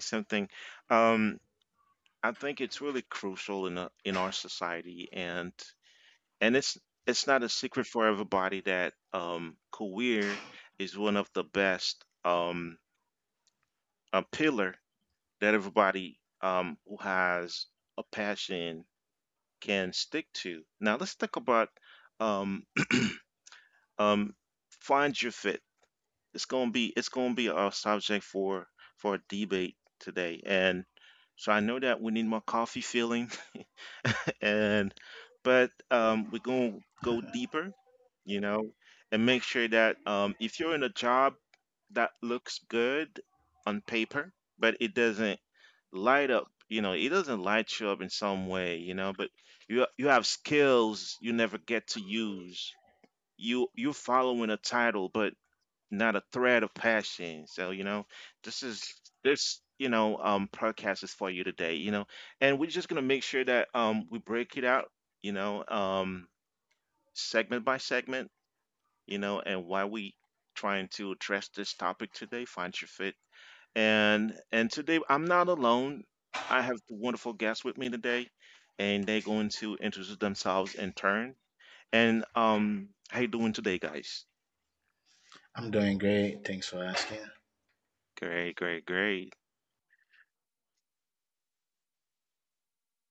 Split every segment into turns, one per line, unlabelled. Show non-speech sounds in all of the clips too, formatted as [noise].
Um, I think it's really crucial in our society, and it's not a secret for everybody that career is one of the best, a pillar that everybody, who has a passion, can stick to. Now, let's talk about, um, [clears throat] um, find your fit. It's gonna be a subject for a debate today, and so I know that we need more coffee feeling. [laughs] and but we're gonna go deeper, you know and make sure that, if you're in a job that looks good on paper but it doesn't light up, it doesn't light you up in some way, but you have skills you never get to use, you're following a title but not a thread of passion. So, this is this podcast is for you today. And we're just gonna make sure that we break it out, you know, um segment by segment, and why we trying to address this topic today: find your fit. And today I'm not alone. I have the wonderful guests with me today, and they're going to introduce themselves in turn. And how you doing today, guys?
I'm doing great. Thanks for asking.
Great, great, great.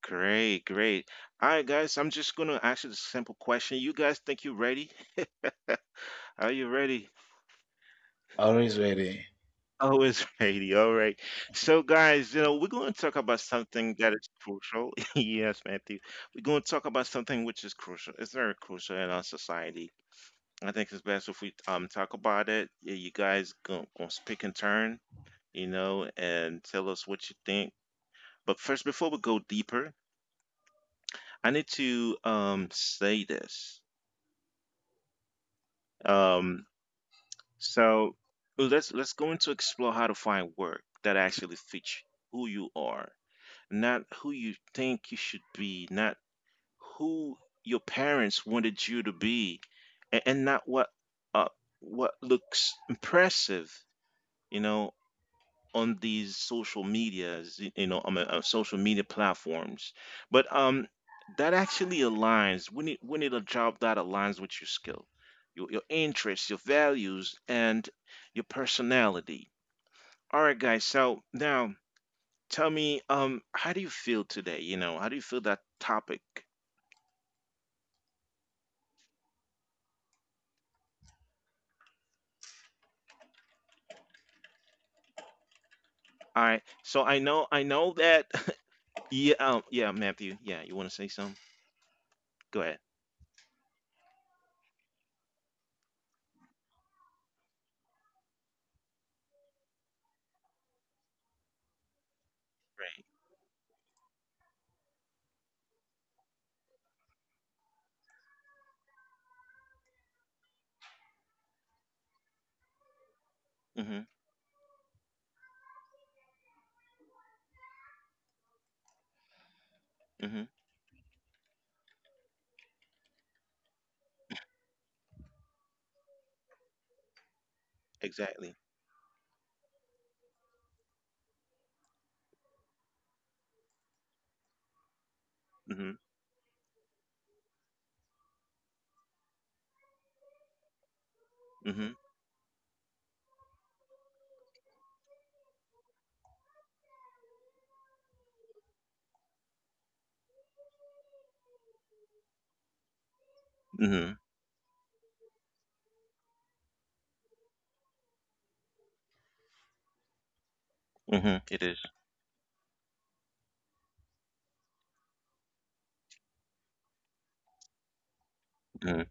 Great, great. All right, guys, I'm just going to ask you a simple question. You guys think you're ready? Are you ready?
Always ready.
Always [laughs] ready. All right. So, guys, we're going to talk about something that is crucial. [laughs] Yes, Matthew. We're going to talk about something which is crucial. It's very crucial in our society. I think it's best if we talk about it. Yeah, you guys going to speak in turn, and tell us what you think. But first, before we go deeper, I need to say this. Um, So, well, let's go into explore how to find work that actually fits who you are, not who you think you should be, not who your parents wanted you to be, and, not uh what looks impressive, you know, on these social medias, on the, social media platforms. But, that actually aligns. We need a job that aligns with your skill, your interests, your values, and your personality. All right, guys. So now tell me, how do you feel today? You know, how do you feel that topic? All right. So I know that. [laughs] Yeah. Yeah, Matthew. Yeah, you want to say something? Go ahead. Right. Mm-hmm. Mm-hmm. Exactly. Mm-hmm. Mm-hmm. Mm-hmm. Mhm, it is. Mhm,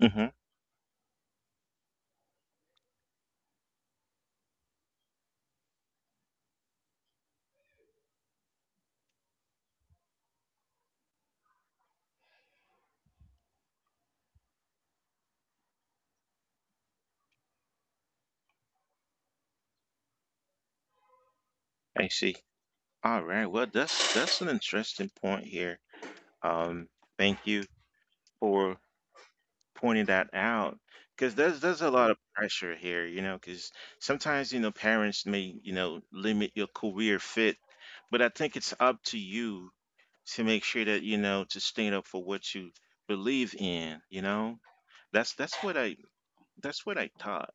mhm, I see. All right. Well, that's an interesting point here. Um, thank you for pointing that out, because there's a lot of pressure here, because sometimes, parents may, limit your career fit, but I think it's up to you to make sure that, to stand up for what you believe in, you know? That's that's what I that's what I thought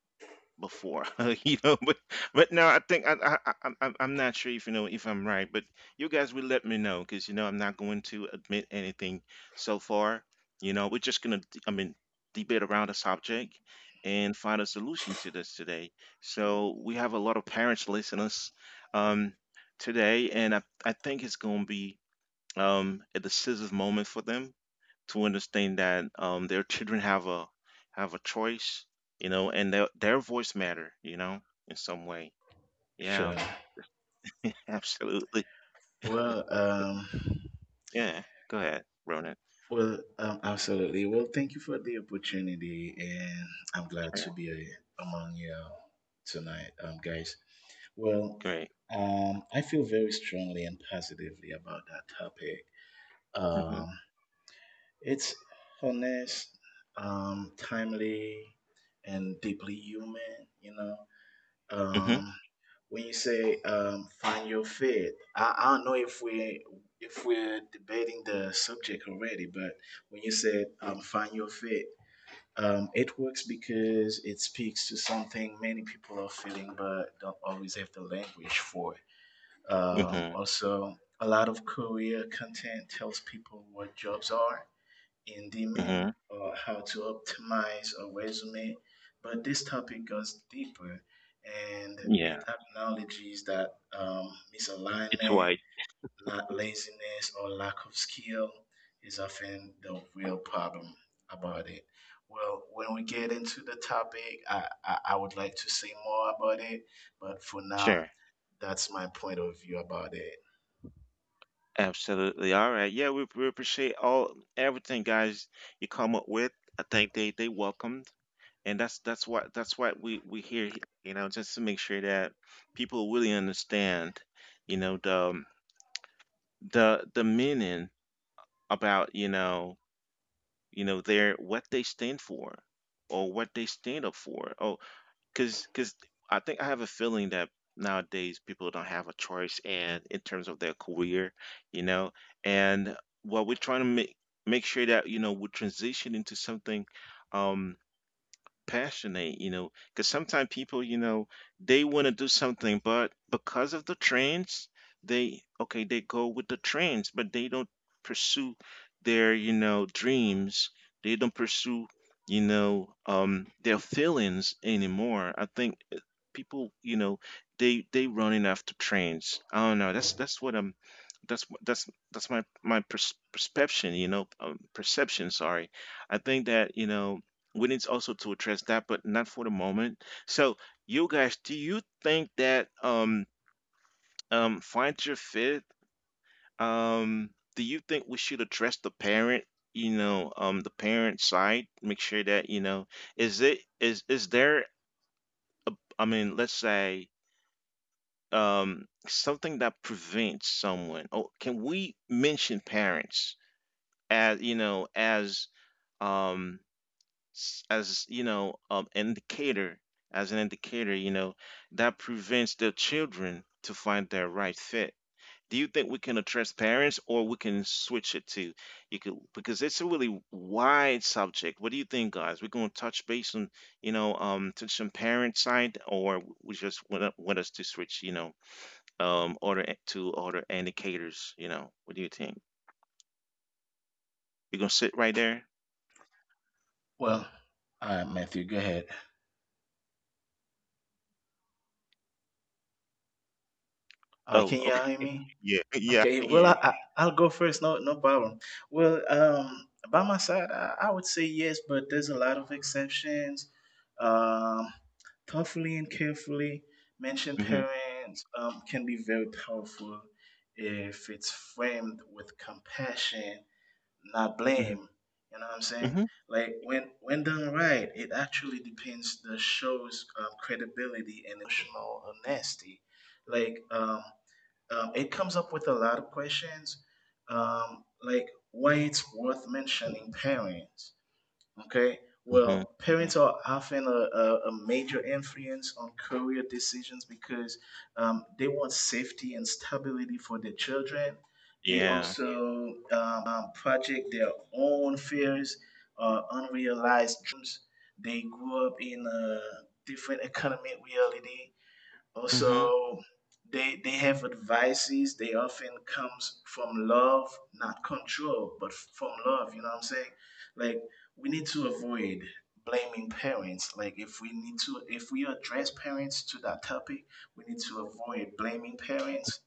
before. [laughs] you know. But but no, I think I I'm not sure if I'm right, but you guys will let me know, because I'm not going to admit anything so far. We're just gonna I mean debate around the subject and find a solution to this today. So we have a lot of parents listeners um today, and I think it's gonna be a decisive moment for them to understand that, their children have a choice, and their voice matter, in some way. Yeah,
Sure.
absolutely.
Well, um,
Yeah. Go ahead, Ronan.
Absolutely. Well, thank you for the opportunity, and I'm glad
Sure.
to be among you tonight, guys. Well,
Great.
I feel very strongly and positively about that topic.
Mhm.
Um, it's honest, timely, and deeply human. Um,
Mhm.
when you say find your fit, I don't know if we if we're debating the subject already, but when you said find your fit, it works because it speaks to something many people are feeling but don't always have the language for.
Mhm.
Also, a lot of career content tells people what jobs are in demand
Mhm.
or how to optimize a resume. But this topic goes deeper, and it
Yeah.
acknowledges that um,
It's
misalignment,
white.
not laziness or lack of skill, is often the real problem about it. Well, when we get into the topic, I would like to say more about it, but for now,
Sure.
that's my point of view about it.
Absolutely. All right. Yeah, we appreciate all everything, guys, you come up with. I think they welcomed, and that's what we hear. Just to make sure that people really understand. You know the, the meaning about you know their what they stand for, or what they stand up for. Oh, because I think I have a feeling that nowadays people don't have a choice and in terms of their career, you know and what we're trying to make sure that we transition into something um passionate, because sometimes people, they want to do something, but because of the trends, they go with the trends, but they don't pursue their dreams. They don't pursue, their feelings anymore. I think, people, they running after trends. I don't know. That's what I'm that's that's that's my my pers- perception you know um, perception, sorry. I think that we need also to address that, but not for the moment. So you guys, do you think that find your fit, um do you think we should address the parent, the parent side, make sure that, is it is there a, I mean, let's say, something that prevents someone. Oh, can we mention parents as, um as, an indicator, as an indicator, that prevents the children to find their right fit? Do you think we can address parents, or we can switch it to, you could, because it's a really wide subject. What do you think, guys? We're going to touch base on you know touch on parent side, or we just want us to switch, order to order indicators, what do you think? We're going to sit right there.
Well, all right, Matthew, go ahead. All right,
Oh,
can
okay.
y'all hear me?
Yeah, [laughs] yeah, I
Okay,
can hear
well, I,
you.
I I'll go first. No, no problem. By my side, I would say yes, but there's a lot of exceptions. Um, Thoughtfully and carefully mentioned
Mhm,
parents can be very powerful if it's framed with compassion, not
mhm,
blame. You know what I'm saying?
mhm,
Like when done right, it actually depends the show's credibility and emotional honesty. Like it comes up with a lot of questions, like why it's worth mentioning parents. Okay.
mhm,
Well,
mhm.
parents are often a major influence on career decisions because they want safety and stability for their children. They
Yeah.
also project their own fears or unrealized dreams. They grew up in a different economic reality.
Mhm.
Also, they have advices. They often comes from love, not control, but from love. You know what I'm saying? Like we need to avoid blaming parents. Like if we need to, if we address parents to that topic, we need to avoid blaming parents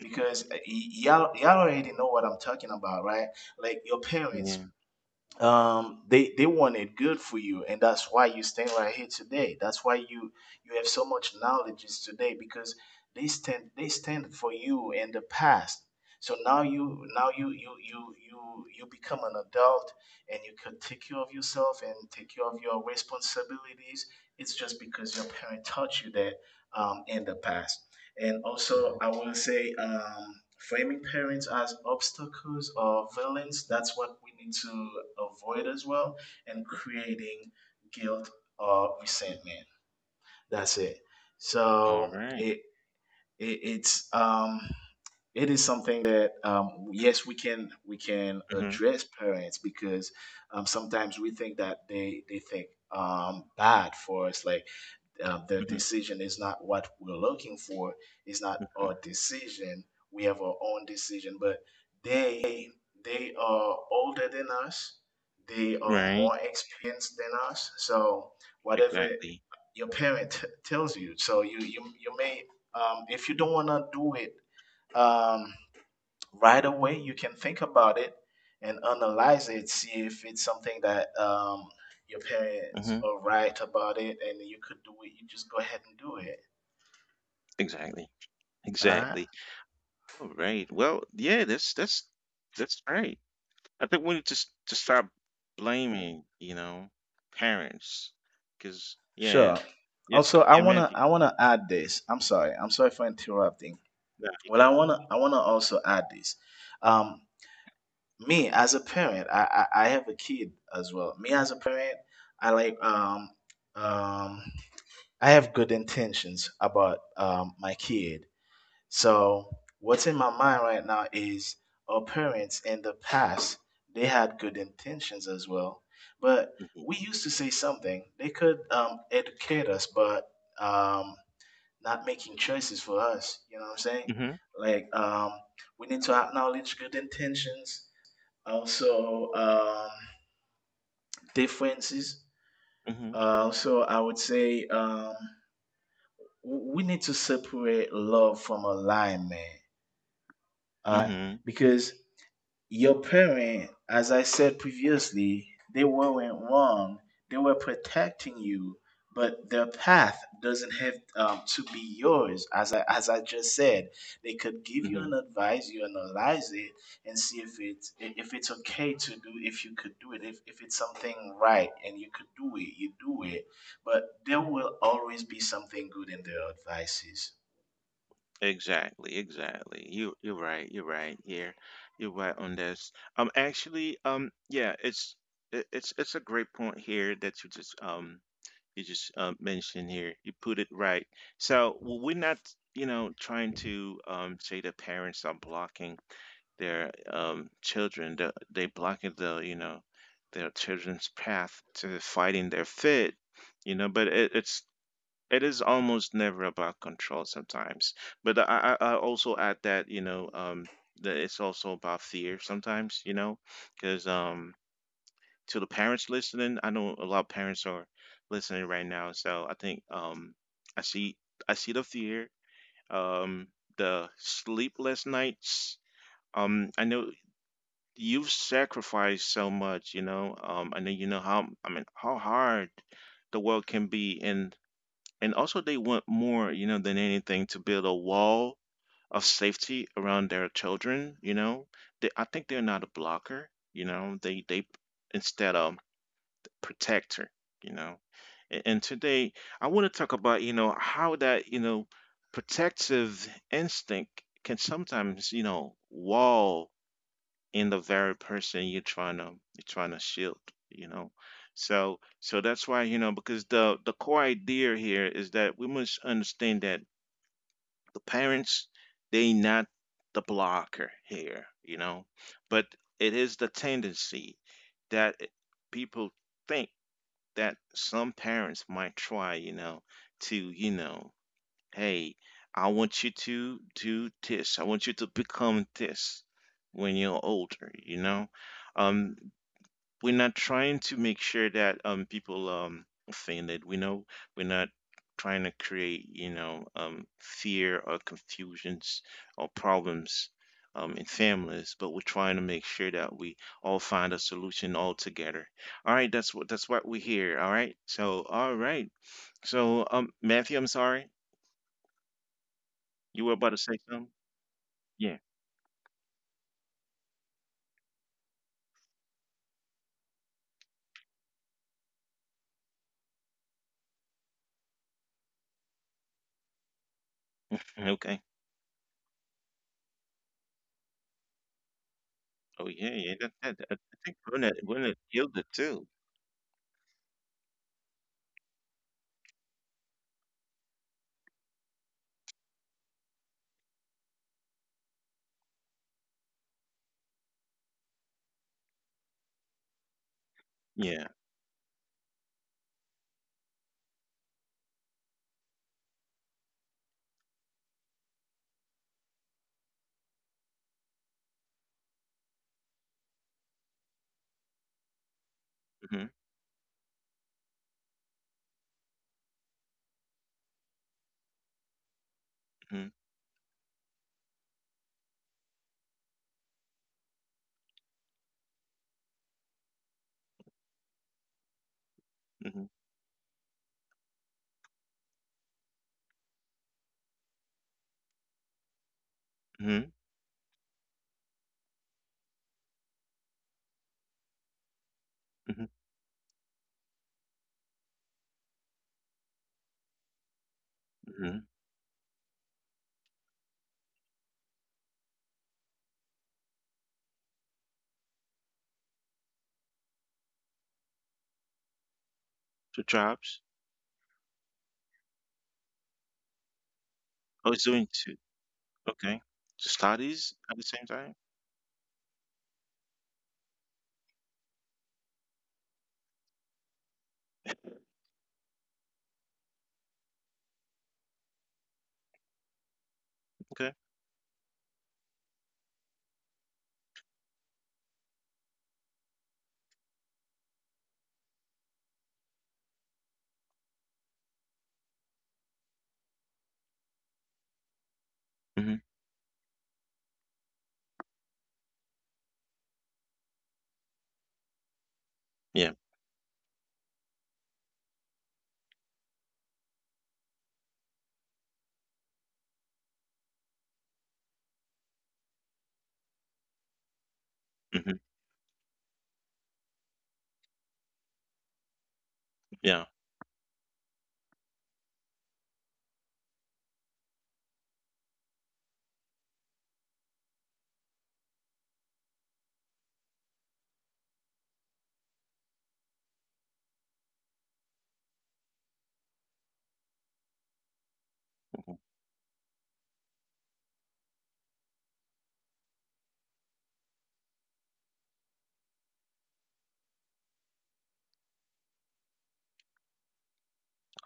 because y'all already know what I'm talking about, right? Like your parents,
Yeah.
they want it good for you, and that's why you stand right here today. That's why you have so much knowledge today, because they stand for you in the past. So now you become an adult, and you can take care of yourself and take care of your responsibilities. It's just because your parent taught you that in the past. And also,
mhm.
I will say, framing parents as obstacles or villains, that's what we need to avoid as well, and creating guilt or resentment. That's it.
All
So
right.
it it's um it is something that, yes, we can
Mhm,
address parents, because sometimes we think that they think bad for us. Like the
mhm,
decision is not what we're looking for, it's not
mhm.
our decision, we have our own decision. But they they are older than us, they are
Right.
more experienced than us, so whatever
Exactly.
your parent [laughs] tells you, so you may, if you don't want to do it um, right away, you can think about it and analyze it, see if it's something that your parents
Mhm.
are right about it, and you could do it, you just go ahead and do it.
Exactly.
All right.
Exactly. All right. Well, yeah. That's right. I think we need to stop blaming, parents, because yeah,
Sure.
yeah,
Also,
yeah, Matthew.
I want to add this. I'm sorry for interrupting.
No, you
Well,
good.
I want to also add this. um, Me as a parent, I have a kid as well. Me as a parent, I like um I have good intentions about my kid. So what's in my mind right now is our parents in the past, they had good intentions as well. But
Mhm.
we used to say something. They could educate us, but um, not making choices for us. You know what I'm saying?
Mhm.
Like, we need to acknowledge good intentions, also differences.
Mhm.
So I would say we need to separate love from alignment. Uh,
Mhm.
because your parent, as I said previously, they weren't wrong. They were protecting you, but their path doesn't have to be yours. As I just said, they could give you an
Mhm.
advice, you analyze it, and see if it's okay to do, if you could do it, if it's something right, and you could do it, you do it. But there will always be something good in their advices.
Exactly, exactly. You're right. You're right here. You're right on this. Actually, yeah, it's it, it's a great point here that you just mentioned here. You put it right. So we're not, trying to say that parents are blocking their children. They blocking their children's path to fighting their fit. But it is almost never about control sometimes, but I also add that that it's also about fear sometimes, because, to the parents listening, I know a lot of parents are listening right now. So i see I see the fear, um the sleepless nights. I know you've sacrificed so much. I know you know how I mean how hard the world can be. And, also, they want more, than anything to build a wall of safety around their children. They, I think, they're not a blocker. They instead of protector. You know, and today I want to talk about you know how that you know protective instinct can sometimes wall in the very person you're trying to shield. You know so so that's why, because the core idea here is that we must understand that the parents, they not the blocker here, but it is the tendency that people think that some parents might try, to, hey, I want you to do this. I want you to become this when you're older, you know? Um, we're not trying to make sure that people offended. We know we're not trying to create, fear or confusions or problems in families, but we're trying to make sure that we all find a solution all together. All right, that's what we hear. All right. So all right. So, Matthew, I'm sorry. You were about to say something? Yeah. Okay. Oh yeah, yeah. That, that, I think Burnett killed it too. Yeah. Mhm. Mhm. Mhm. Mhm. Mhm. Mhm. Two tribes. Oh, it's doing two. Okay. So studies at the same time. Okay. Mhm. Yeah. Mhm. Yeah.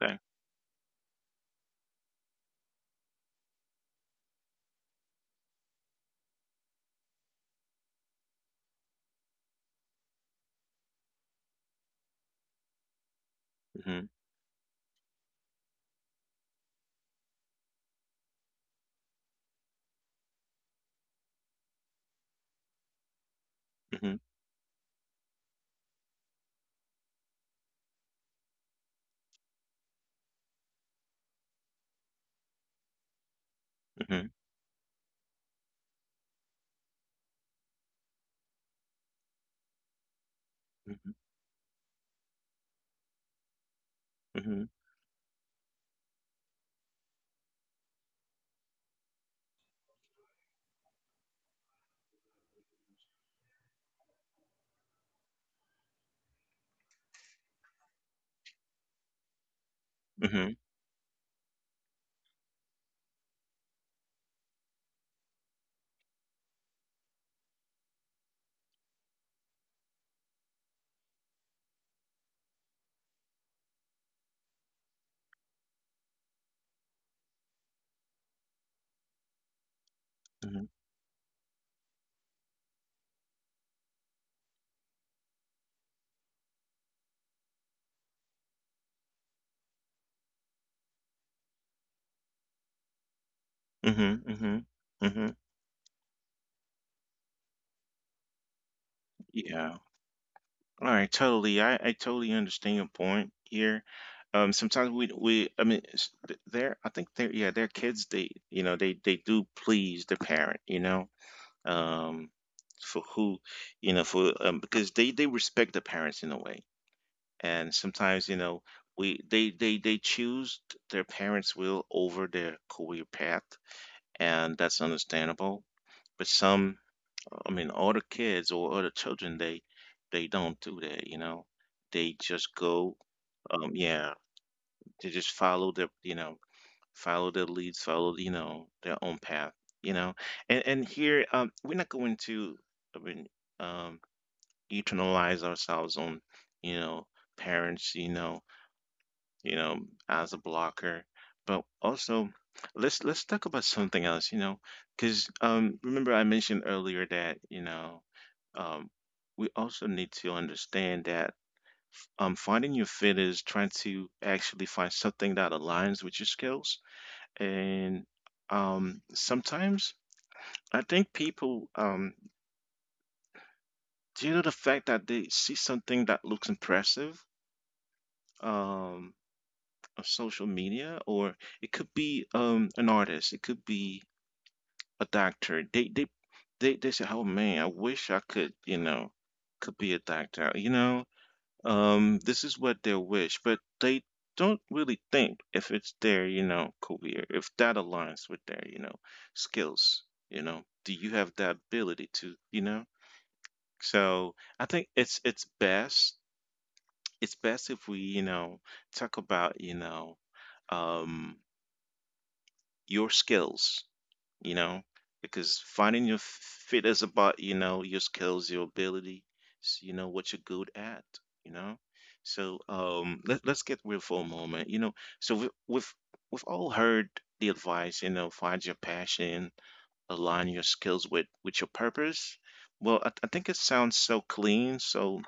Okay. Mhm. Mhm. Mhm. Mhm. Mhm. Mhm. Mhm. Mhm. Mhm. Mhm. Yeah. All right, totally. I totally understand your point here. Sometimes we I mean there, I think they're, yeah, their kids, they, they do please the parent, um for who, for, because they respect the parents in a way. And sometimes, we they choose their parents' will over their career path, and that's understandable. But some, I mean other kids or other children, they don't do that. They just go, yeah, they just follow their leads, their own path, you know. And here, we're not going to, I mean, um, eternalize ourselves on, you know, parents, you know, as a blocker. But also, let's talk about something else, because, remember I mentioned earlier that, um, we also need to understand that, finding your fit is trying to actually find something that aligns with your skills. And sometimes I think people, due to the fact that they see something that looks impressive. Um, of social media, or it could be, an artist, it could be a doctor. They say, "Oh man, I wish I could, could be a doctor." This is what they wish, but they don't really think if it's their, career, if that aligns with their, skills. Do you have that ability to, you know? So I think it's best if we, talk about, um, your skills, you know, because finding your fit is about, your skills, your ability, what you're good at, you know. So let's get real for a moment. So we've all heard the advice, find your passion, align your skills with your purpose. Well, I think it sounds so clean, so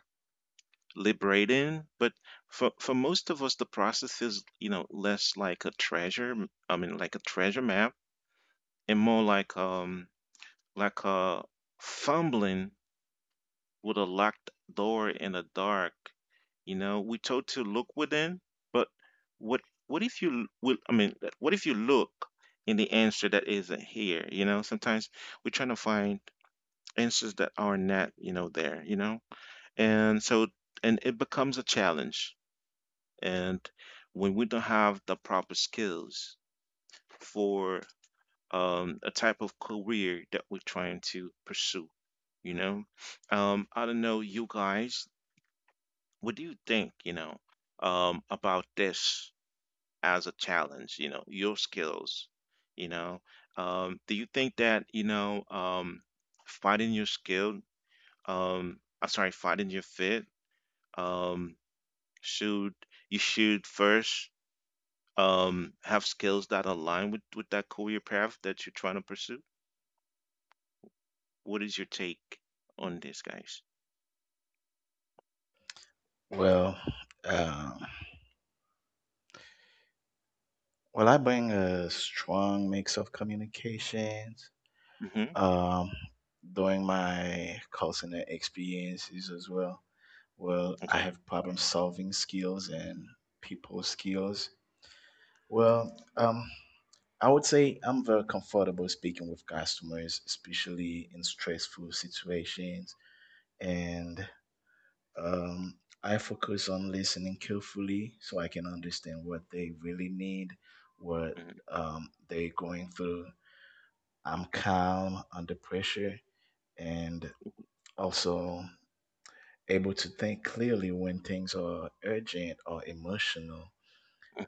liberating, but for most of us, the process is, less like a treasure, I mean like a treasure map, and more like, like uh fumbling with a locked door in the dark. We told to look within, but what what if you will? I mean, like, what if you look in the answer that isn't here? Sometimes we're trying to find answers that are not there. And so, and it becomes a challenge. And when we don't have the proper skills for, a type of career that we're trying to pursue. You know, I don't know, you guys, what do you think? About this as a challenge. Your skills. You know, do you think that, finding your skill? I'm sorry, finding your fit. Um, should you should first have skills that align with that career path that you're trying to pursue. What is your take on this, guys?
Well, um, Well, I bring a strong mix of communications
Mm-hmm.
um, during my call center experiences as well. Well, I
Okay.
have problem solving skills and people skills. Well, um, I would say I'm very comfortable speaking with customers, especially in stressful situations. And um, I focus on listening carefully so I can understand what they really need, what they're going through. I'm calm under pressure and also able to think clearly when things are urgent or emotional,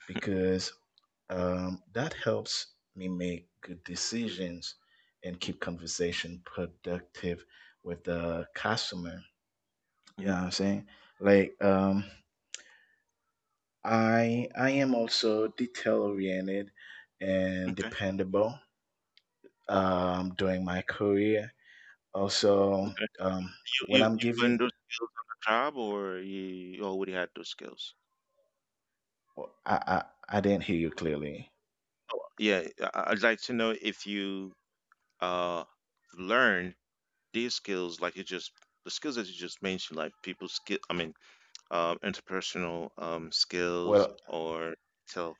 because that helps me make good decisions and keep conversation productive with the customer. You
Mm-hmm.
know what I'm saying? Like, I am also detail oriented and
Okay.
dependable during my career. Also,
Okay.
um,
You
when
you you
I'm
learned
giving,
those skills on the job, or you already had those skills?
well, I didn't hear you clearly.
Oh, yeah. I'd like to know if you uh learned these skills, like you just the skills that you just mentioned, like people skill. I mean, interpersonal skills
Well,
or tell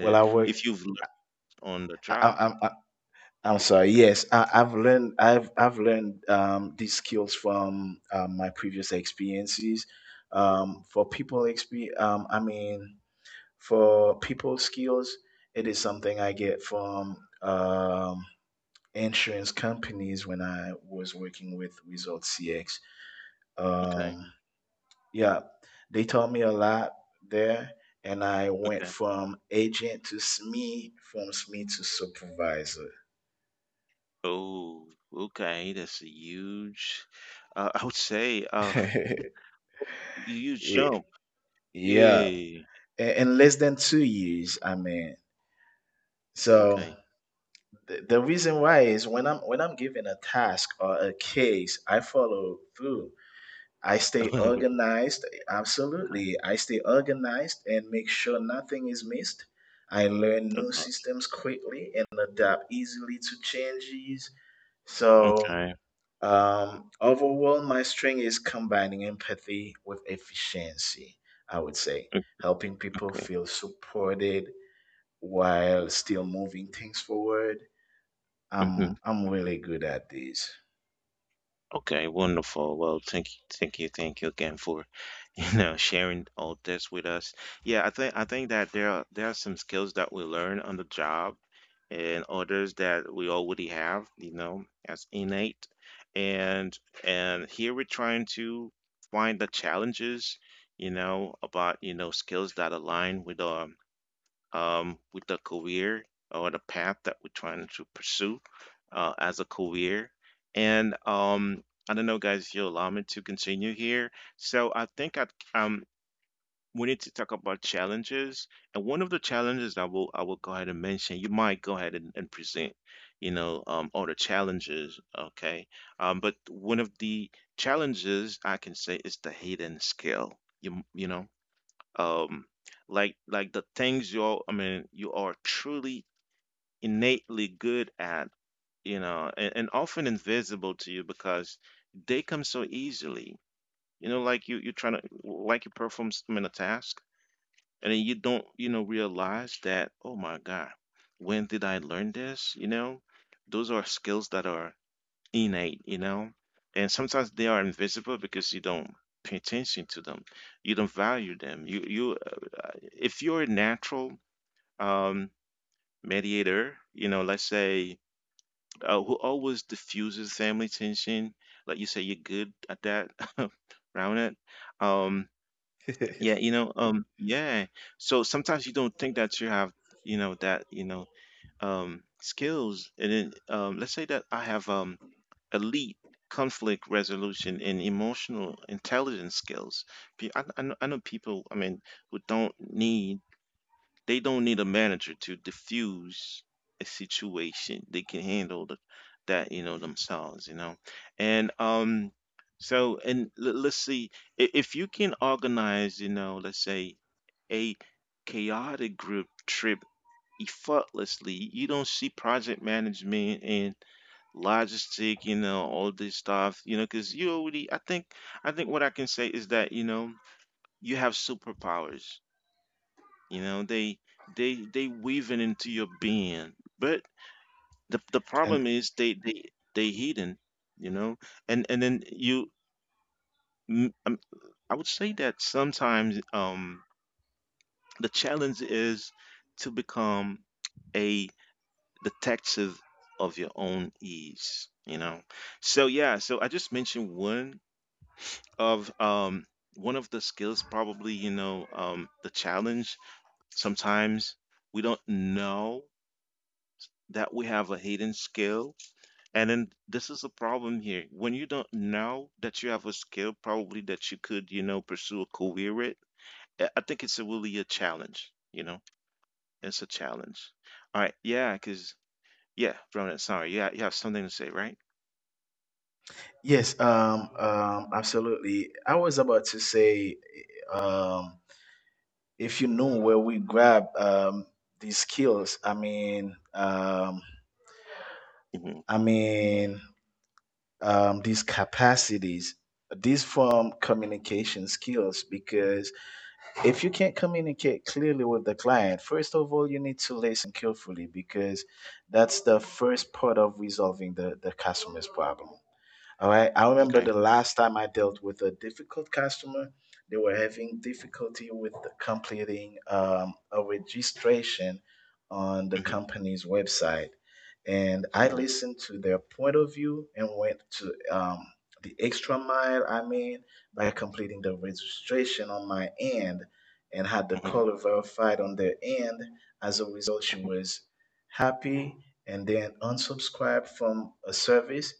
well, I work.
If you've learned on the
I, I,
job,
I'm I, I'm sorry. Yes, I've learned. I've learned these skills from my previous experiences. For people experience, I mean, for people skills, it is something I get from um, insurance companies when I was working with Result CX.
okay.
Um, yeah, they taught me a lot there, and I went from agent to SME, from SME to supervisor.
Oh, okay, that's a huge, I would say, [laughs]
[laughs]
huge
Ye-
jump.
yeah,
Yay.
in less than 2 years, I mean. So
Okay.
the, reason why is when I'm given a task or a case, I follow through. I stay
[laughs]
organized. Absolutely. I stay organized and make sure nothing is missed. I learn
Okay.
new
Okay.
systems quickly and adapt easily to changes. So,
Okay.
overall, my strength is combining empathy with efficiency, I would say,
Okay.
helping people
Okay.
feel supported while still moving things forward.
Mhm.
I'm really good at this.
Okay, wonderful. Well, thank you, thank you, thank you again for, [laughs] sharing all this with us. Yeah, I think that there are some skills that we learn on the job and others that we already have, as innate. And and here we're trying to find the challenges, about, skills that align with our, with the career or the path that we're trying to pursue, as a career. And I don't know, guys, if you'll allow me to continue here. So I think, I um we need to talk about challenges. And one of the challenges, I will go ahead and mention, you might go ahead and present, all the challenges, okay? But one of the challenges I can say is the hidden skill. You know, um like the things you're, you are truly innately good at, and, often invisible to you because they come so easily, like, you're trying to, like, you perform, I mean, a task, and then you don't, realize that, oh my God, when did I learn this? Those are skills that are innate. And sometimes they are invisible because you don't pay attention to them. You don't value them. You If you're a natural um mediator, let's say, who always diffuses family tension, like you say you're good at that, [laughs] around it. Um yeah, yeah. So sometimes you don't think that you have, you know, that, you know, skills. And then let's say that I have, elite conflict resolution and emotional intelligence skills. I know people, I mean, who don't need, they don't need a manager to diffuse a situation. They can handle that, themselves. And so, let's see, if you can organize, let's say a chaotic group trip effortlessly, you don't see project management and logistic, all this stuff, because you already, I think what I can say is that, you have superpowers, you know, they, they weaving into your being, but the
And
problem is, they hidden, you know, and then you, mm, um, I would say that sometimes, the challenge is to become a detective of your own ease, you know? So yeah, so I just mentioned of um one of the skills. Probably the challenge, sometimes we don't know that we have a hidden skill, and then this is a problem here when you don't know that you have a skill probably that you could, pursue a career with. I think it's a really a challenge, it's a challenge. All right, yeah, because, yeah, Ronan, sorry, yeah, you have something to say, right?
yes, absolutely. I was about to say, um, if you know where we grab these skills, I mean, um,
Hmm.
I mean, um, these capacities, these from communication skills, because if you can't communicate clearly with the client, first of all, you need to listen carefully, because that's the first part of resolving the, customer's problem. All right. I remember
Okay.
the last time I dealt with a difficult customer, they were having difficulty with completing a registration on the
Hmm.
company's website. And I
Hmm.
listened to their point of view and went to the extra mile. I made by completing the registration on my end and had the
Hmm.
caller verified on their end. As a result, she was happy and then unsubscribed from a service,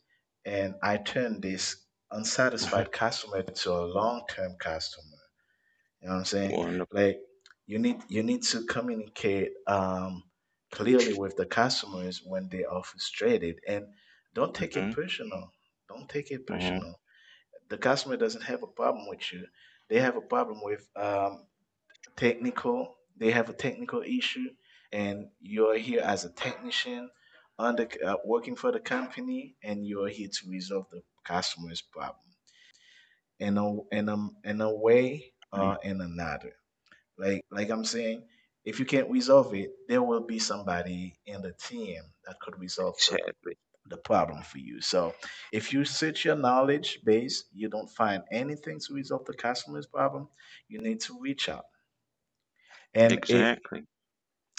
and I turn this unsatisfied customer to a long-term customer. You know what I'm
[laughs]
saying?
Wonderful.
Like, you need to communicate clearly with the customers when they are frustrated, and don't take it
Hmm.
personal. Don't take it personal. The customer doesn't have a problem with you; they have a problem with technical. They have a technical issue, and you're here as a technician, under working for the company, and you're here to resolve the customer's problem in a in a way or in another. Like I'm saying, if you can't resolve it, there will be somebody in the team that could resolve the
Hmm.
problem for you. So if you search your knowledge base, you don't find anything to resolve the customer's problem, you need to reach out. And
Exactly.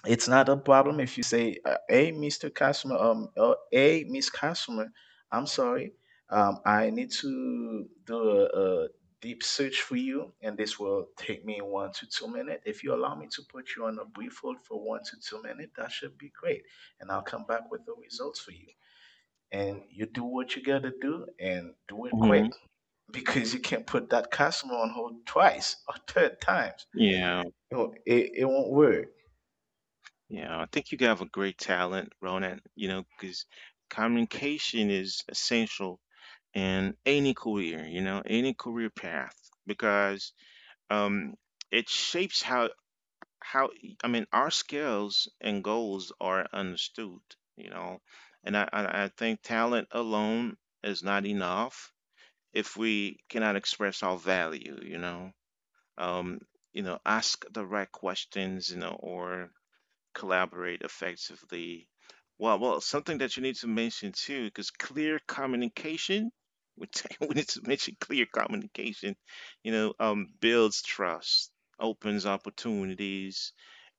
it's not a problem if you say, "Hey, Mr. Customer, hey, Miss Customer, I'm sorry, I need to do a deep search for you, and this will take me 1 to 2 minutes. If you allow me to put you on a brief hold for 1 to 2 minutes, that should be great, and I'll come back with the results for you." And you do what you gotta do, and do it
Hmm.
quick, [laughs] because you can't put that customer on hold twice or third times.
Yeah,
You know, it won't work.
yeah. I think you have a great talent, Ronan, because communication is essential in any career, any career path, because, um, it shapes how our skills and goals are understood, you know, and I think talent alone is not enough if we cannot express our value. um, Ask the right questions, or collaborate effectively. Well, something that you need to mention too, because clear communication, [laughs] we need to mention clear communication, builds trust, opens opportunities,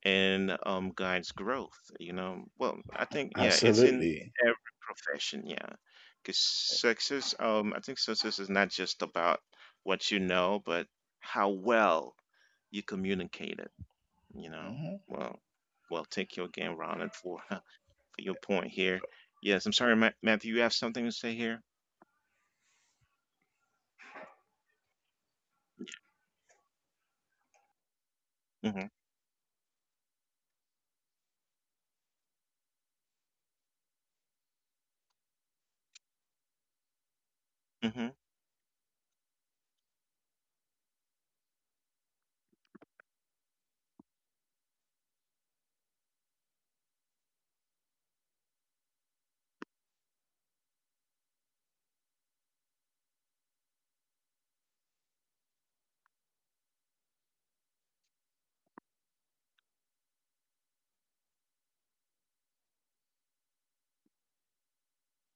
and, guides growth. Well, I think, yeah, it's in
Absolutely.
every profession, yeah, because I think success is not just about what you know, but how well you communicate it, you know.
Mhm.
Well, well, take you again, Ronald, for [laughs] for your point here. Yes, I'm sorry, Matthew. You have something to say here? Mm-hmm. Mm-hmm.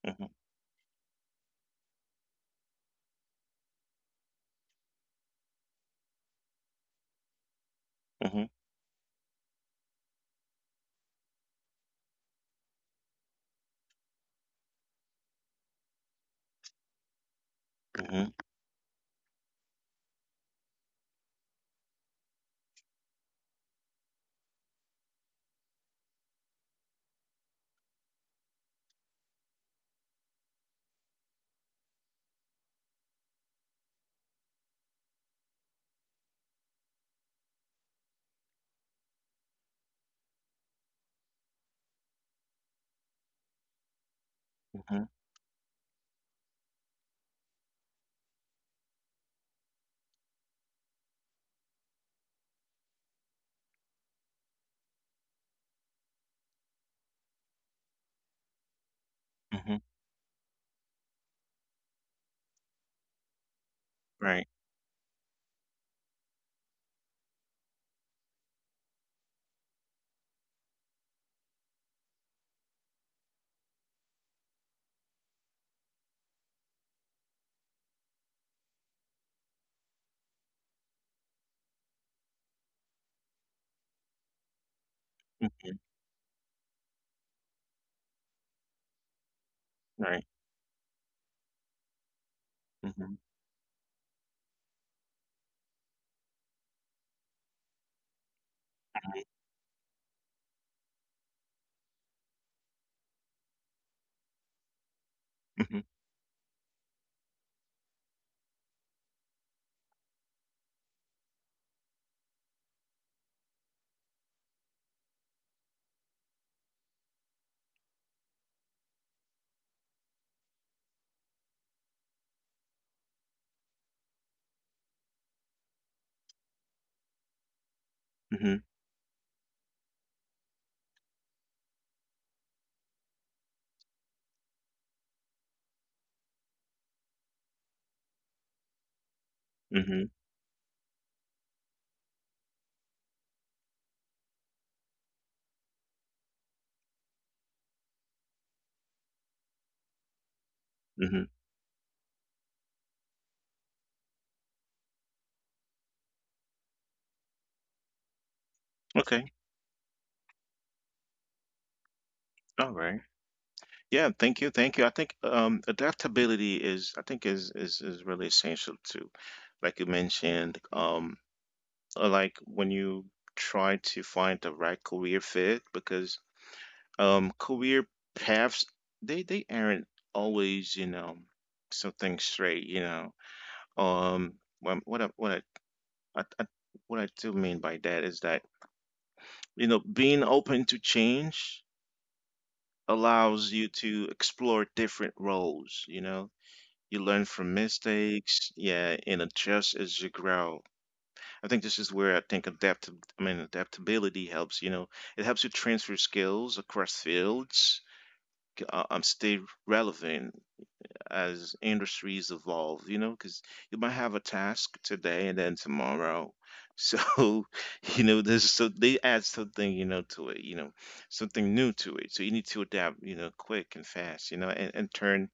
Mm-hmm. Mm-hmm. Mm-hmm. Mm-hmm. Mm-hmm. Right. Mm-hmm. Right. Mm-hmm. Mm-hmm. Mm-hmm. Mm-hmm. Mm-hmm. Okay. All right. Yeah. Thank you. Thank you. I think Adaptability is, I think, is really essential too. Like you mentioned, like when you try to find the right career fit, because, career paths, they aren't always, something straight, um what what I, what I, I, I what I do mean by that is that, being open to change allows you to explore different roles, you learn from mistakes, yeah, and adjust as you grow. I think this is where I think, adaptability helps, it helps you transfer skills across fields, stay relevant as industries evolve, because you might have a task today and then tomorrow. So, [laughs] there's so, they add something, to it, something new to it. So you need to adapt, quick and fast, and turn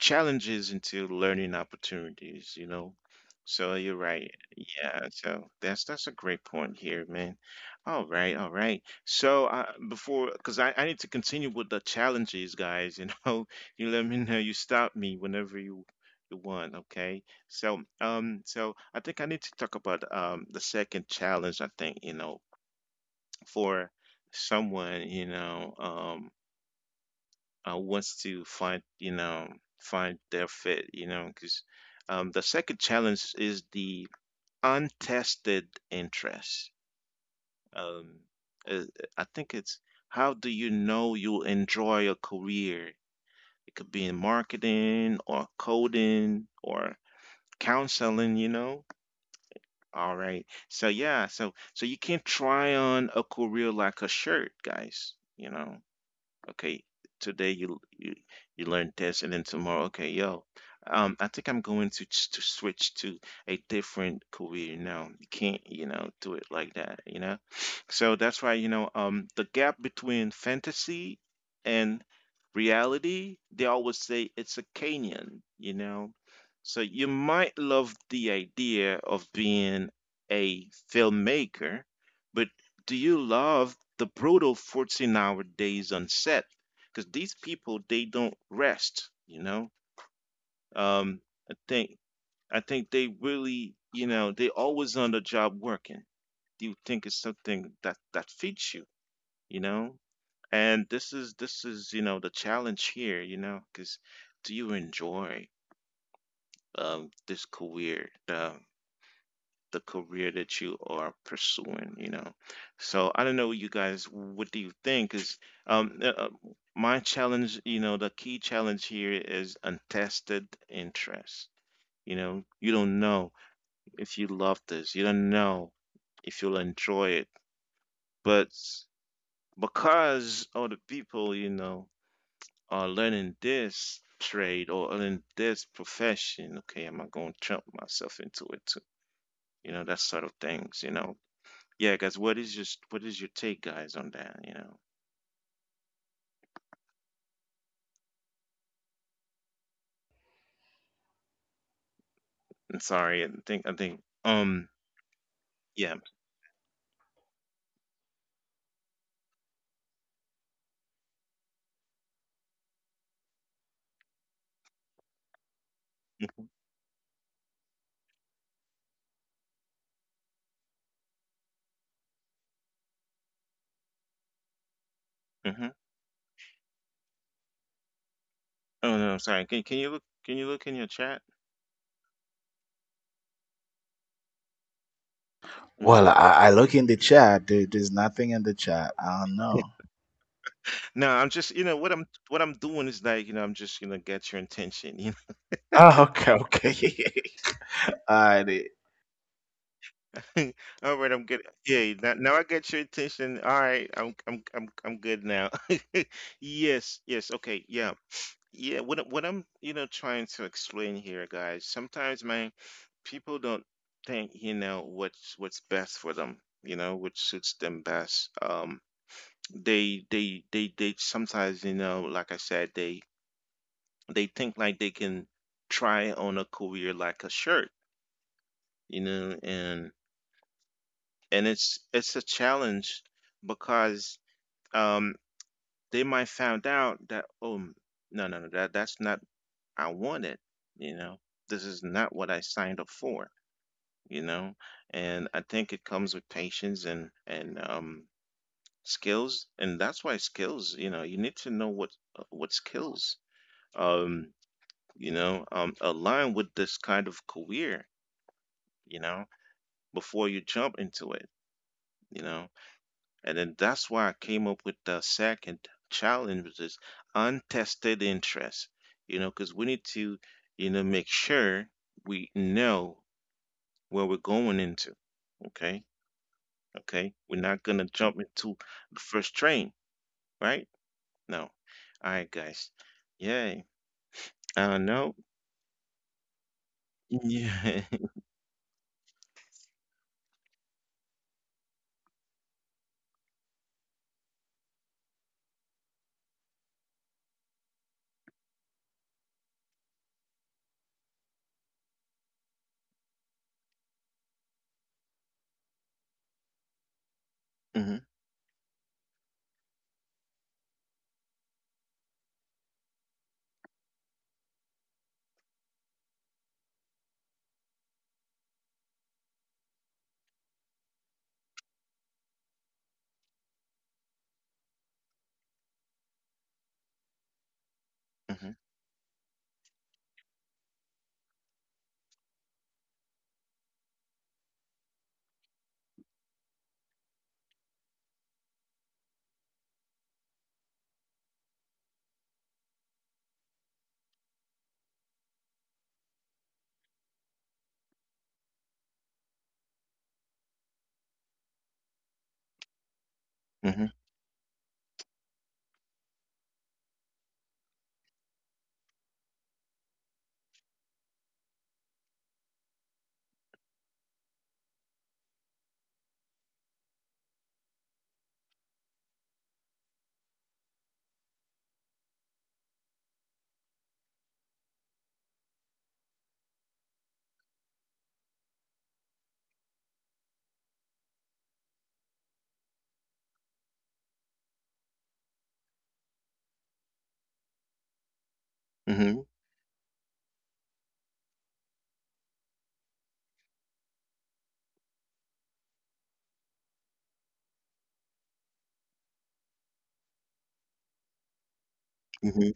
challenges into learning opportunities. So you're right. Yeah, so that's a great point here, man. All right, all right. So before, because I need to continue with the challenges, guys. [laughs] You let me know. You stop me whenever you want. Okay. So I think I need to talk about, the second challenge. I think you know for someone wants to find their fit you know because the second challenge is the untested interest um, uh, I think it's how do you know you'll enjoy a career. It could be in marketing or coding or counseling, you know. All right, so yeah, so you can't try on a career like a shirt, guys, you know. Okay, today you learn this, and then tomorrow, okay, yo, I think I'm going to switch to a different career now. You can't, you know, do it like that, you know. So that's why, you know, the gap between fantasy and reality, they always say it's a canyon, you know. So you might love the idea of being a filmmaker, but do you love the brutal 14-hour days on set? Because these people, they don't rest, you know. um I think, they really, you know, they always on the job working. Do you think it's something that fits you, you know? And this is, you know, the challenge here, you know, because do you enjoy this career? The career that you are pursuing, you know. So I don't know, you guys, what do you think? Is, um, uh, uh, my challenge, you know, the key challenge here is untested interest. You know, you don't know if you love this. You don't know if you'll enjoy it. But because all the people, you know, are learning this trade or learning this profession, okay, am I going to jump myself into it too? You know, that sort of things, you know. Yeah, guys, what is your take, guys, on that? You know, I'm sorry, I think, yeah. Hmm. Oh no, sorry. Can you look in your chat?
Well,
hmm
I look in the chat. There's nothing in the chat. I don't know. [laughs]
No, I'm just, you know what I'm, doing is, like, you know, I'm just gonna get your attention. You know,
Oh, okay, okay. [laughs] All right.
[laughs] all right, I'm good. Yeah, now I get your attention. All right, I'm good now. [laughs] Yes, yes, okay, yeah, yeah, what I'm, you know, trying to explain here, guys. Sometimes, man, people don't think, you know, what's best for them. You know, what suits them best. They sometimes, you know, like I said, they think like they can try on a career like a shirt. You know. And it's a challenge because um they might found out that, oh, no, no, no, that's not I want it, you know. This is not what I signed up for, you know. And I think it comes with patience and skills, and that's why skills, you know, you need to know what, what skills um align with this kind of career, you know, before you jump into it, you know. And then that's why I came up with the second challenge, which is untested interest, you know, because we need to, you know, make sure we know where we're going into. Okay. Okay. We're not going to jump into the first train, right? No. All right, guys. Yay. No. Yeah. [laughs] Hmm. Hmm. Hmm. Hmm. Hmm.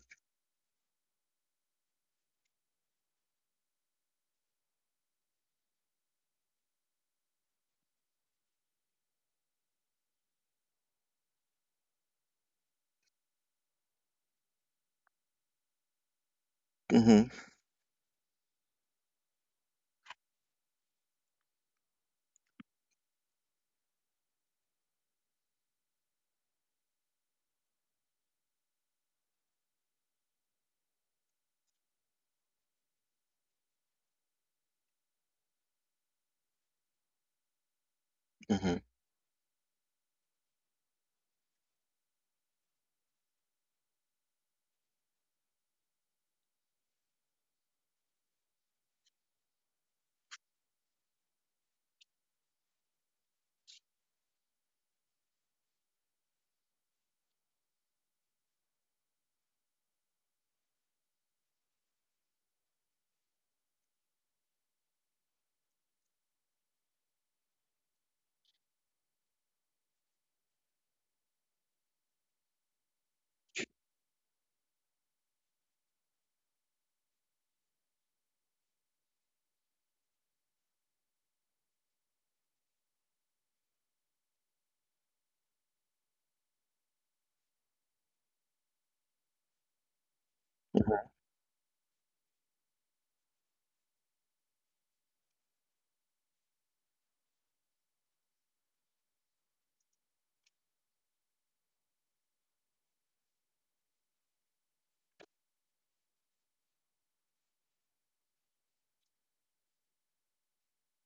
Hmm. Hmm.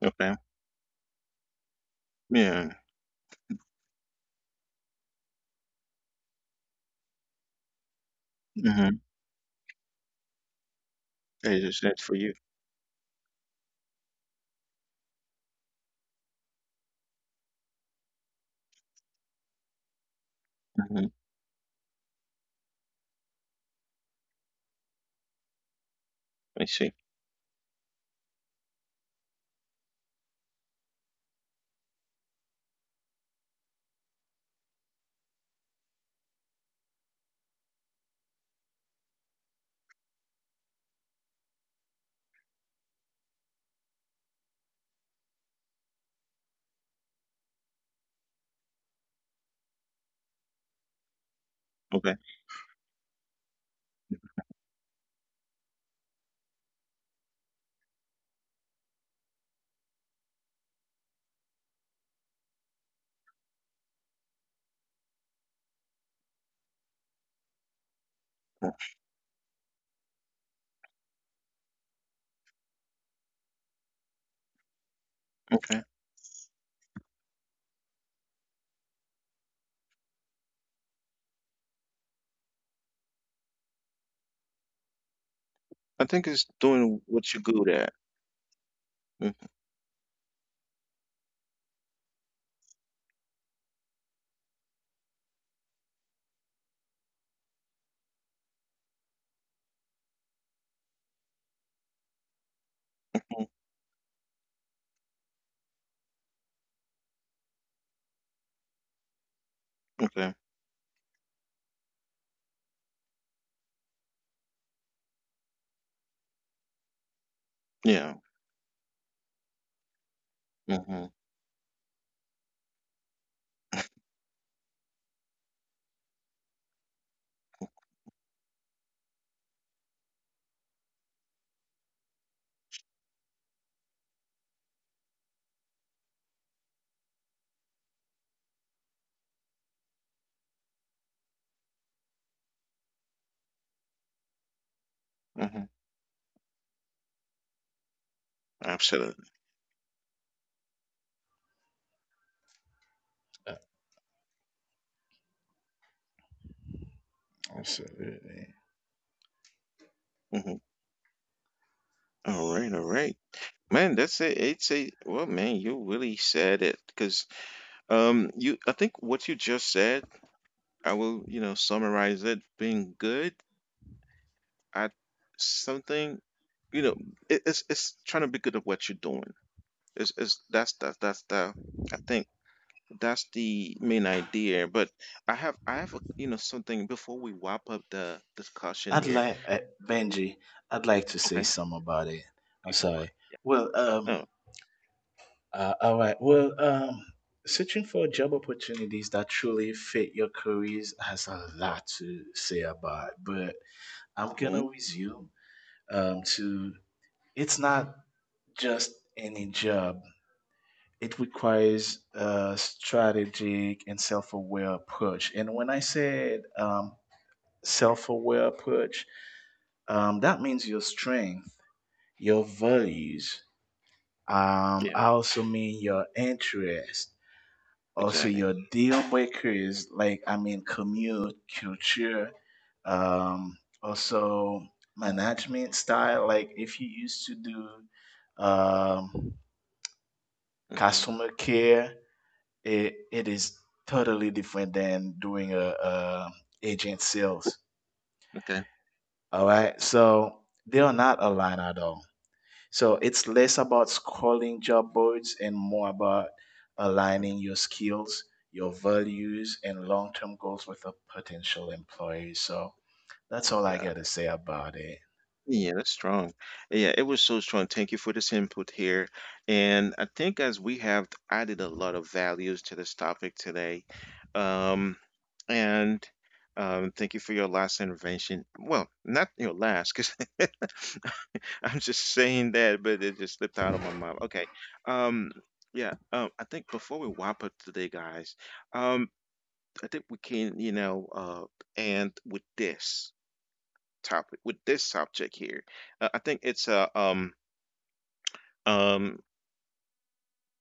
Okay. Yeah. Mm-hmm. Hey, that's for you. Hmm. I see. Okay. Mm, Okay. I think it's doing what you're good at. Mhm. Okay. Yeah. Hmm. Hmm. Absolutely.
Absolutely.
Hmm. All right. All right. Man, that's it. It's a, well, man, you really said it because, you. I think what you just said, I will, you know, summarize it: being good at something. You know, it's trying to be good at what you're doing. It's that's the. I think that's the main idea. But I have a, you know, something before we wrap up the discussion
I'd
here.
like Benji, I'd like to
Okay.
say
Okay.
something about it. I'm sorry.
Yeah.
Well, um,
No.
all right. Searching for job opportunities that truly fit your careers has a lot to say about. But I'm gonna
mm
resume to. It's not just any job. It requires a strategic and self-aware approach. And when I said self-aware approach, that means your strength, your values.
Yeah.
I also mean your interest, also
Exactly.
your deal breakers. Like, I mean, commute, culture, um, also management style. Like, if you used to do um,
hmm
customer care, it is totally different than doing a agent sales.
Okay.
All right, so they are not aligned at all. So it's less about scrolling job boards and more about
Mhm.
aligning your skills, your values, and long-term goals with a potential employee. So that's all I gotta say about it.
Yeah, that's strong. Yeah, it was so strong. Thank you for this input here. And I think as we have added a lot of values to this topic today, um, and thank you for your last intervention. Well, not your last, because [laughs] I'm just saying that, but it just slipped out of my mouth. Okay. Um, yeah, I think before we wrap up today, guys, um, I think we can, you know, end with this topic, with this subject here. I think it's, um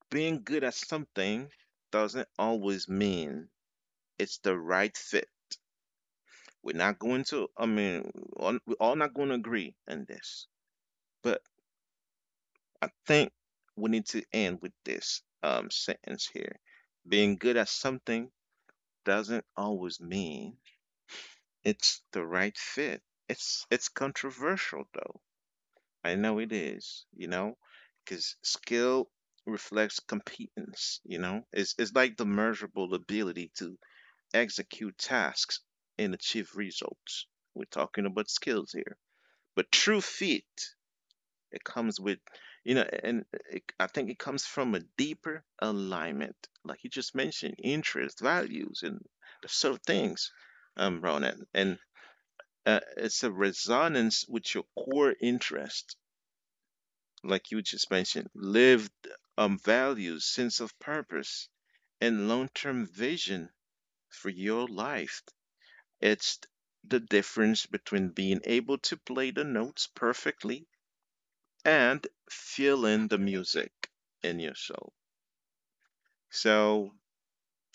being good at something doesn't always mean it's the right fit. We're not going to, I mean, we're all not going to agree on this, but I think we need to end with this sentence here. Being good at something doesn't always mean it's the right fit. It's controversial, though. I know it is, you know, because skill reflects competence, you know. It's like the measurable ability to execute tasks and achieve results. We're talking about skills here. But true fit, it comes with, you know, and, I think it comes from a deeper alignment, like you just mentioned, interests, values, and sort of things, Ronan. And it's a resonance with your core interest, like you just mentioned, lived, values, sense of purpose, and long term vision for your life. It's the difference between being able to play the notes perfectly and feeling the music in your soul. So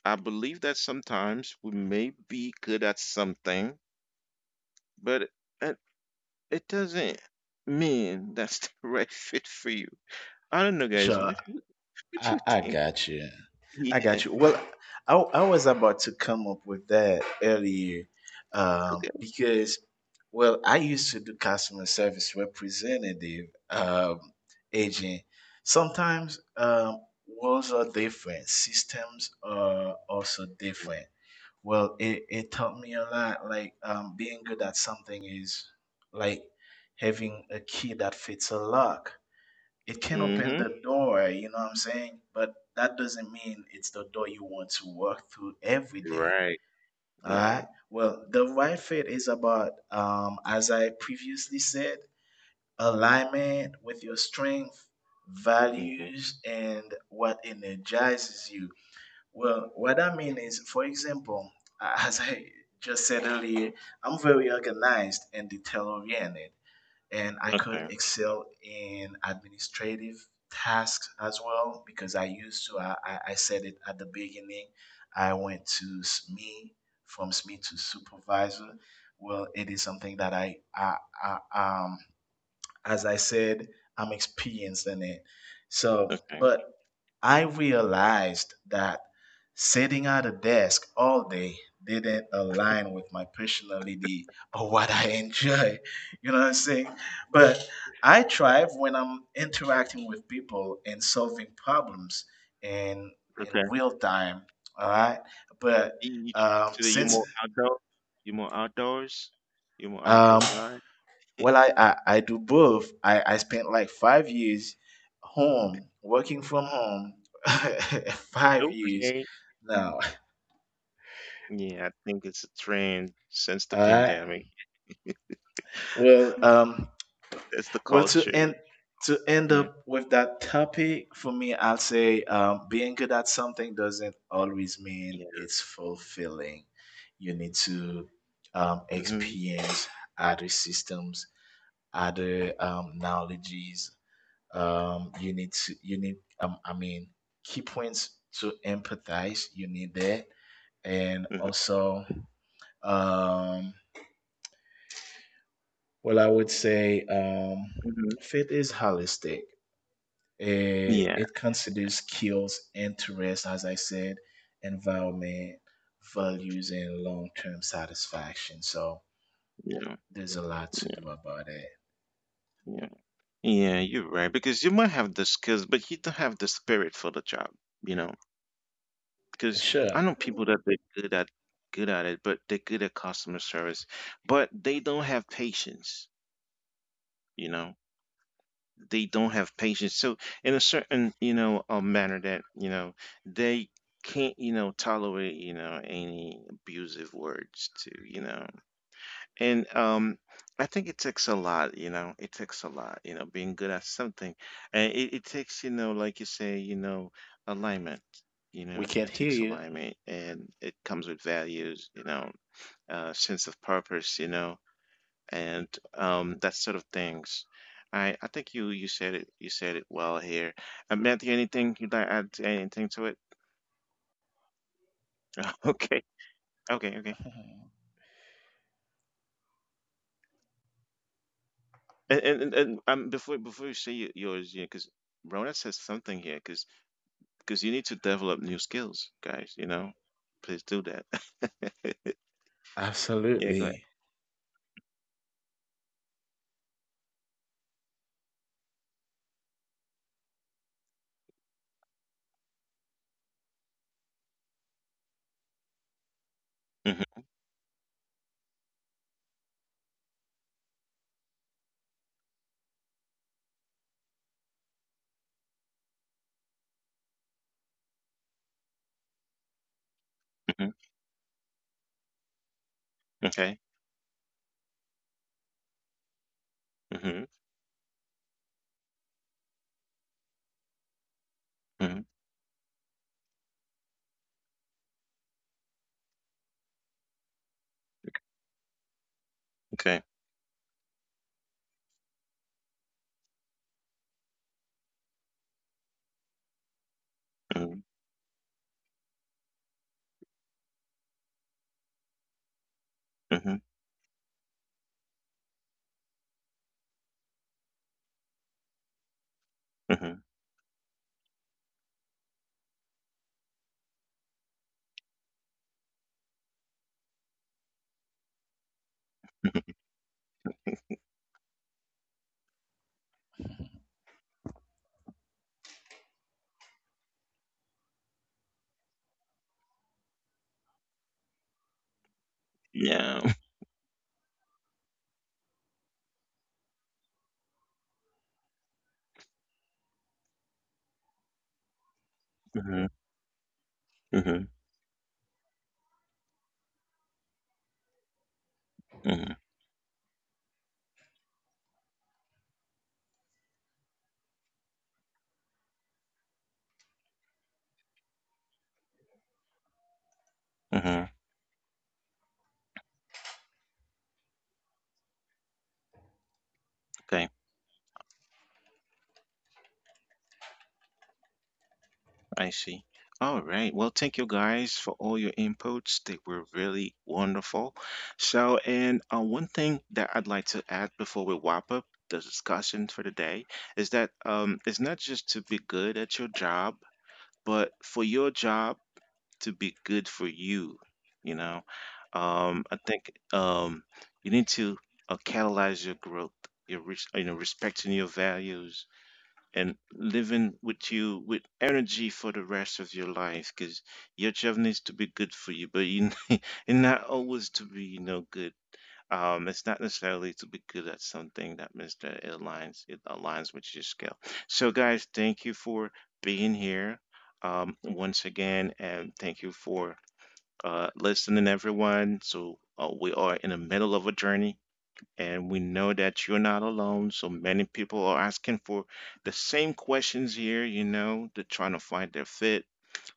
I believe that sometimes we may be good at something, but, it, it doesn't mean that's the [laughs] right fit for you. I don't know, guys.
Sure,
What do
I,
you
I
think?
got you.
[laughs]
I
Yeah,
got you. Well, I was about to come up with that earlier
okay.
because, well, I used to do customer service representative um, agent. Sometimes roles are different, systems are also different. Well, it taught me a lot. Like, being good at something is like having a key that fits a lock. It can open
Mhm.
the door, you know what I'm saying? But that doesn't mean it's the door you want to walk through every day.
Right.
All
Right.
right. Well, the right fit is about, as I previously said, alignment with your strength,
Mhm.
values, and what energizes you. Well, what I mean is, for example, [laughs] as I just said earlier, I'm very organized and detail oriented, and I could
Okay.
excel in administrative tasks as well, because I used to. I said it at the beginning. I went to SME, from SME to supervisor. Well, it is something that I as I said, I'm experienced in it. So,
Okay.
but I realized that sitting at a desk all day didn't align with my personality or what I [laughs] enjoy. You know what I'm saying? But I thrive when I'm interacting with people and solving problems in
Okay.
real time. All right. But
You- So that you're
since
more outdoor. You're more outdoors. You're more
um,
outdoors guy.
Well, I do both. I spent like 5 years home, working from home. [laughs] 5 years
Okay.
now.
Yeah, I think it's a trend since the
All right.
pandemic. [laughs]
Well, um,
That's the
to
culture.
end
Yeah.
up with that topic, for me, I'll say being good at something doesn't always mean
Yeah.
it's fulfilling. You need to
Mhm.
experience other systems, other knowledges, you need to you need I mean key points to empathize. You need that, and
Mhm.
also, um, well, I would say,
Mhm.
faith is holistic. It
Yeah.
it considers skills, interests, as I said, environment, values, and long-term satisfaction. So
Yeah.
there's a lot to do
Yeah.
about it.
Yeah. Yeah. You're right, because you might have the skills, but you don't have the spirit for the job. You know. Because
Sure.
I know people that they're good at, it, but they're good at customer service, but they don't have patience. You know, they don't have patience. So in a certain, you know, a manner that, you know, they can't, you know, tolerate, you know, any abusive words to, you know, and, I think it takes a lot, you know, it takes a lot, you know, being good at something. And, it takes, you know, like you say, you know, alignment, you
We
know,
can't
it
hear
takes
you.
alignment, and it comes with values, you know, sense of purpose, you know, and, that sort of things. I think you said it well here. Matthew, anything you'd like to add, anything to it? [laughs] Okay, okay, okay. And before you say, yours, you know, because Rona says something here, because you need to develop new skills, guys. You know, please do that. [laughs]
[laughs]
Yeah, go ahead.
Absolutely.
Hmm. Hmm. Okay. Hmm. Hmm. Okay. Hmm. Hmm. Hmm. [laughs] Yeah. Hmm. Hmm. Hmm. Hmm. Okay. I see. All right. Well, thank you, guys, for all your inputs. They were really wonderful. So, and one thing that I'd like to add before we wrap up the discussion for the day is that, it's not just to be good at your job, but for your job to be good for you, you know. I think, you need to, catalyze your growth, your, you know, respecting your values and living with you with energy for the rest of your life, because your job needs to be good for you. But you, [laughs] and not always to be, you know, good. It's not necessarily to be good at something that Mr. It aligns with your skill. So guys, thank you for being here, once again, and thank you for, listening, everyone. So, we are in the middle of a journey, and we know that you're not alone. So many people are asking for the same questions here. You know, they're trying to find their fit.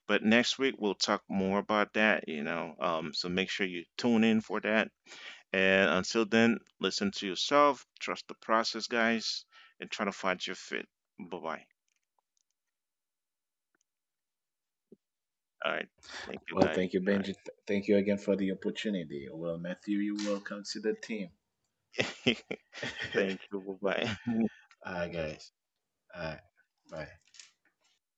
But next week we'll talk more about that. You know, so make sure you tune in for that, and until then, listen to yourself, trust the process, guys, and try to find your fit. Bye bye. All right. Thank you,
Well,
guys.
thank you,
All
Benji. Thank you again for the opportunity. Well, Matthew, you welcome to the team.
right. [laughs]
[laughs] All
Thank you. Bye bye. [laughs]
right, guys. All right. Bye.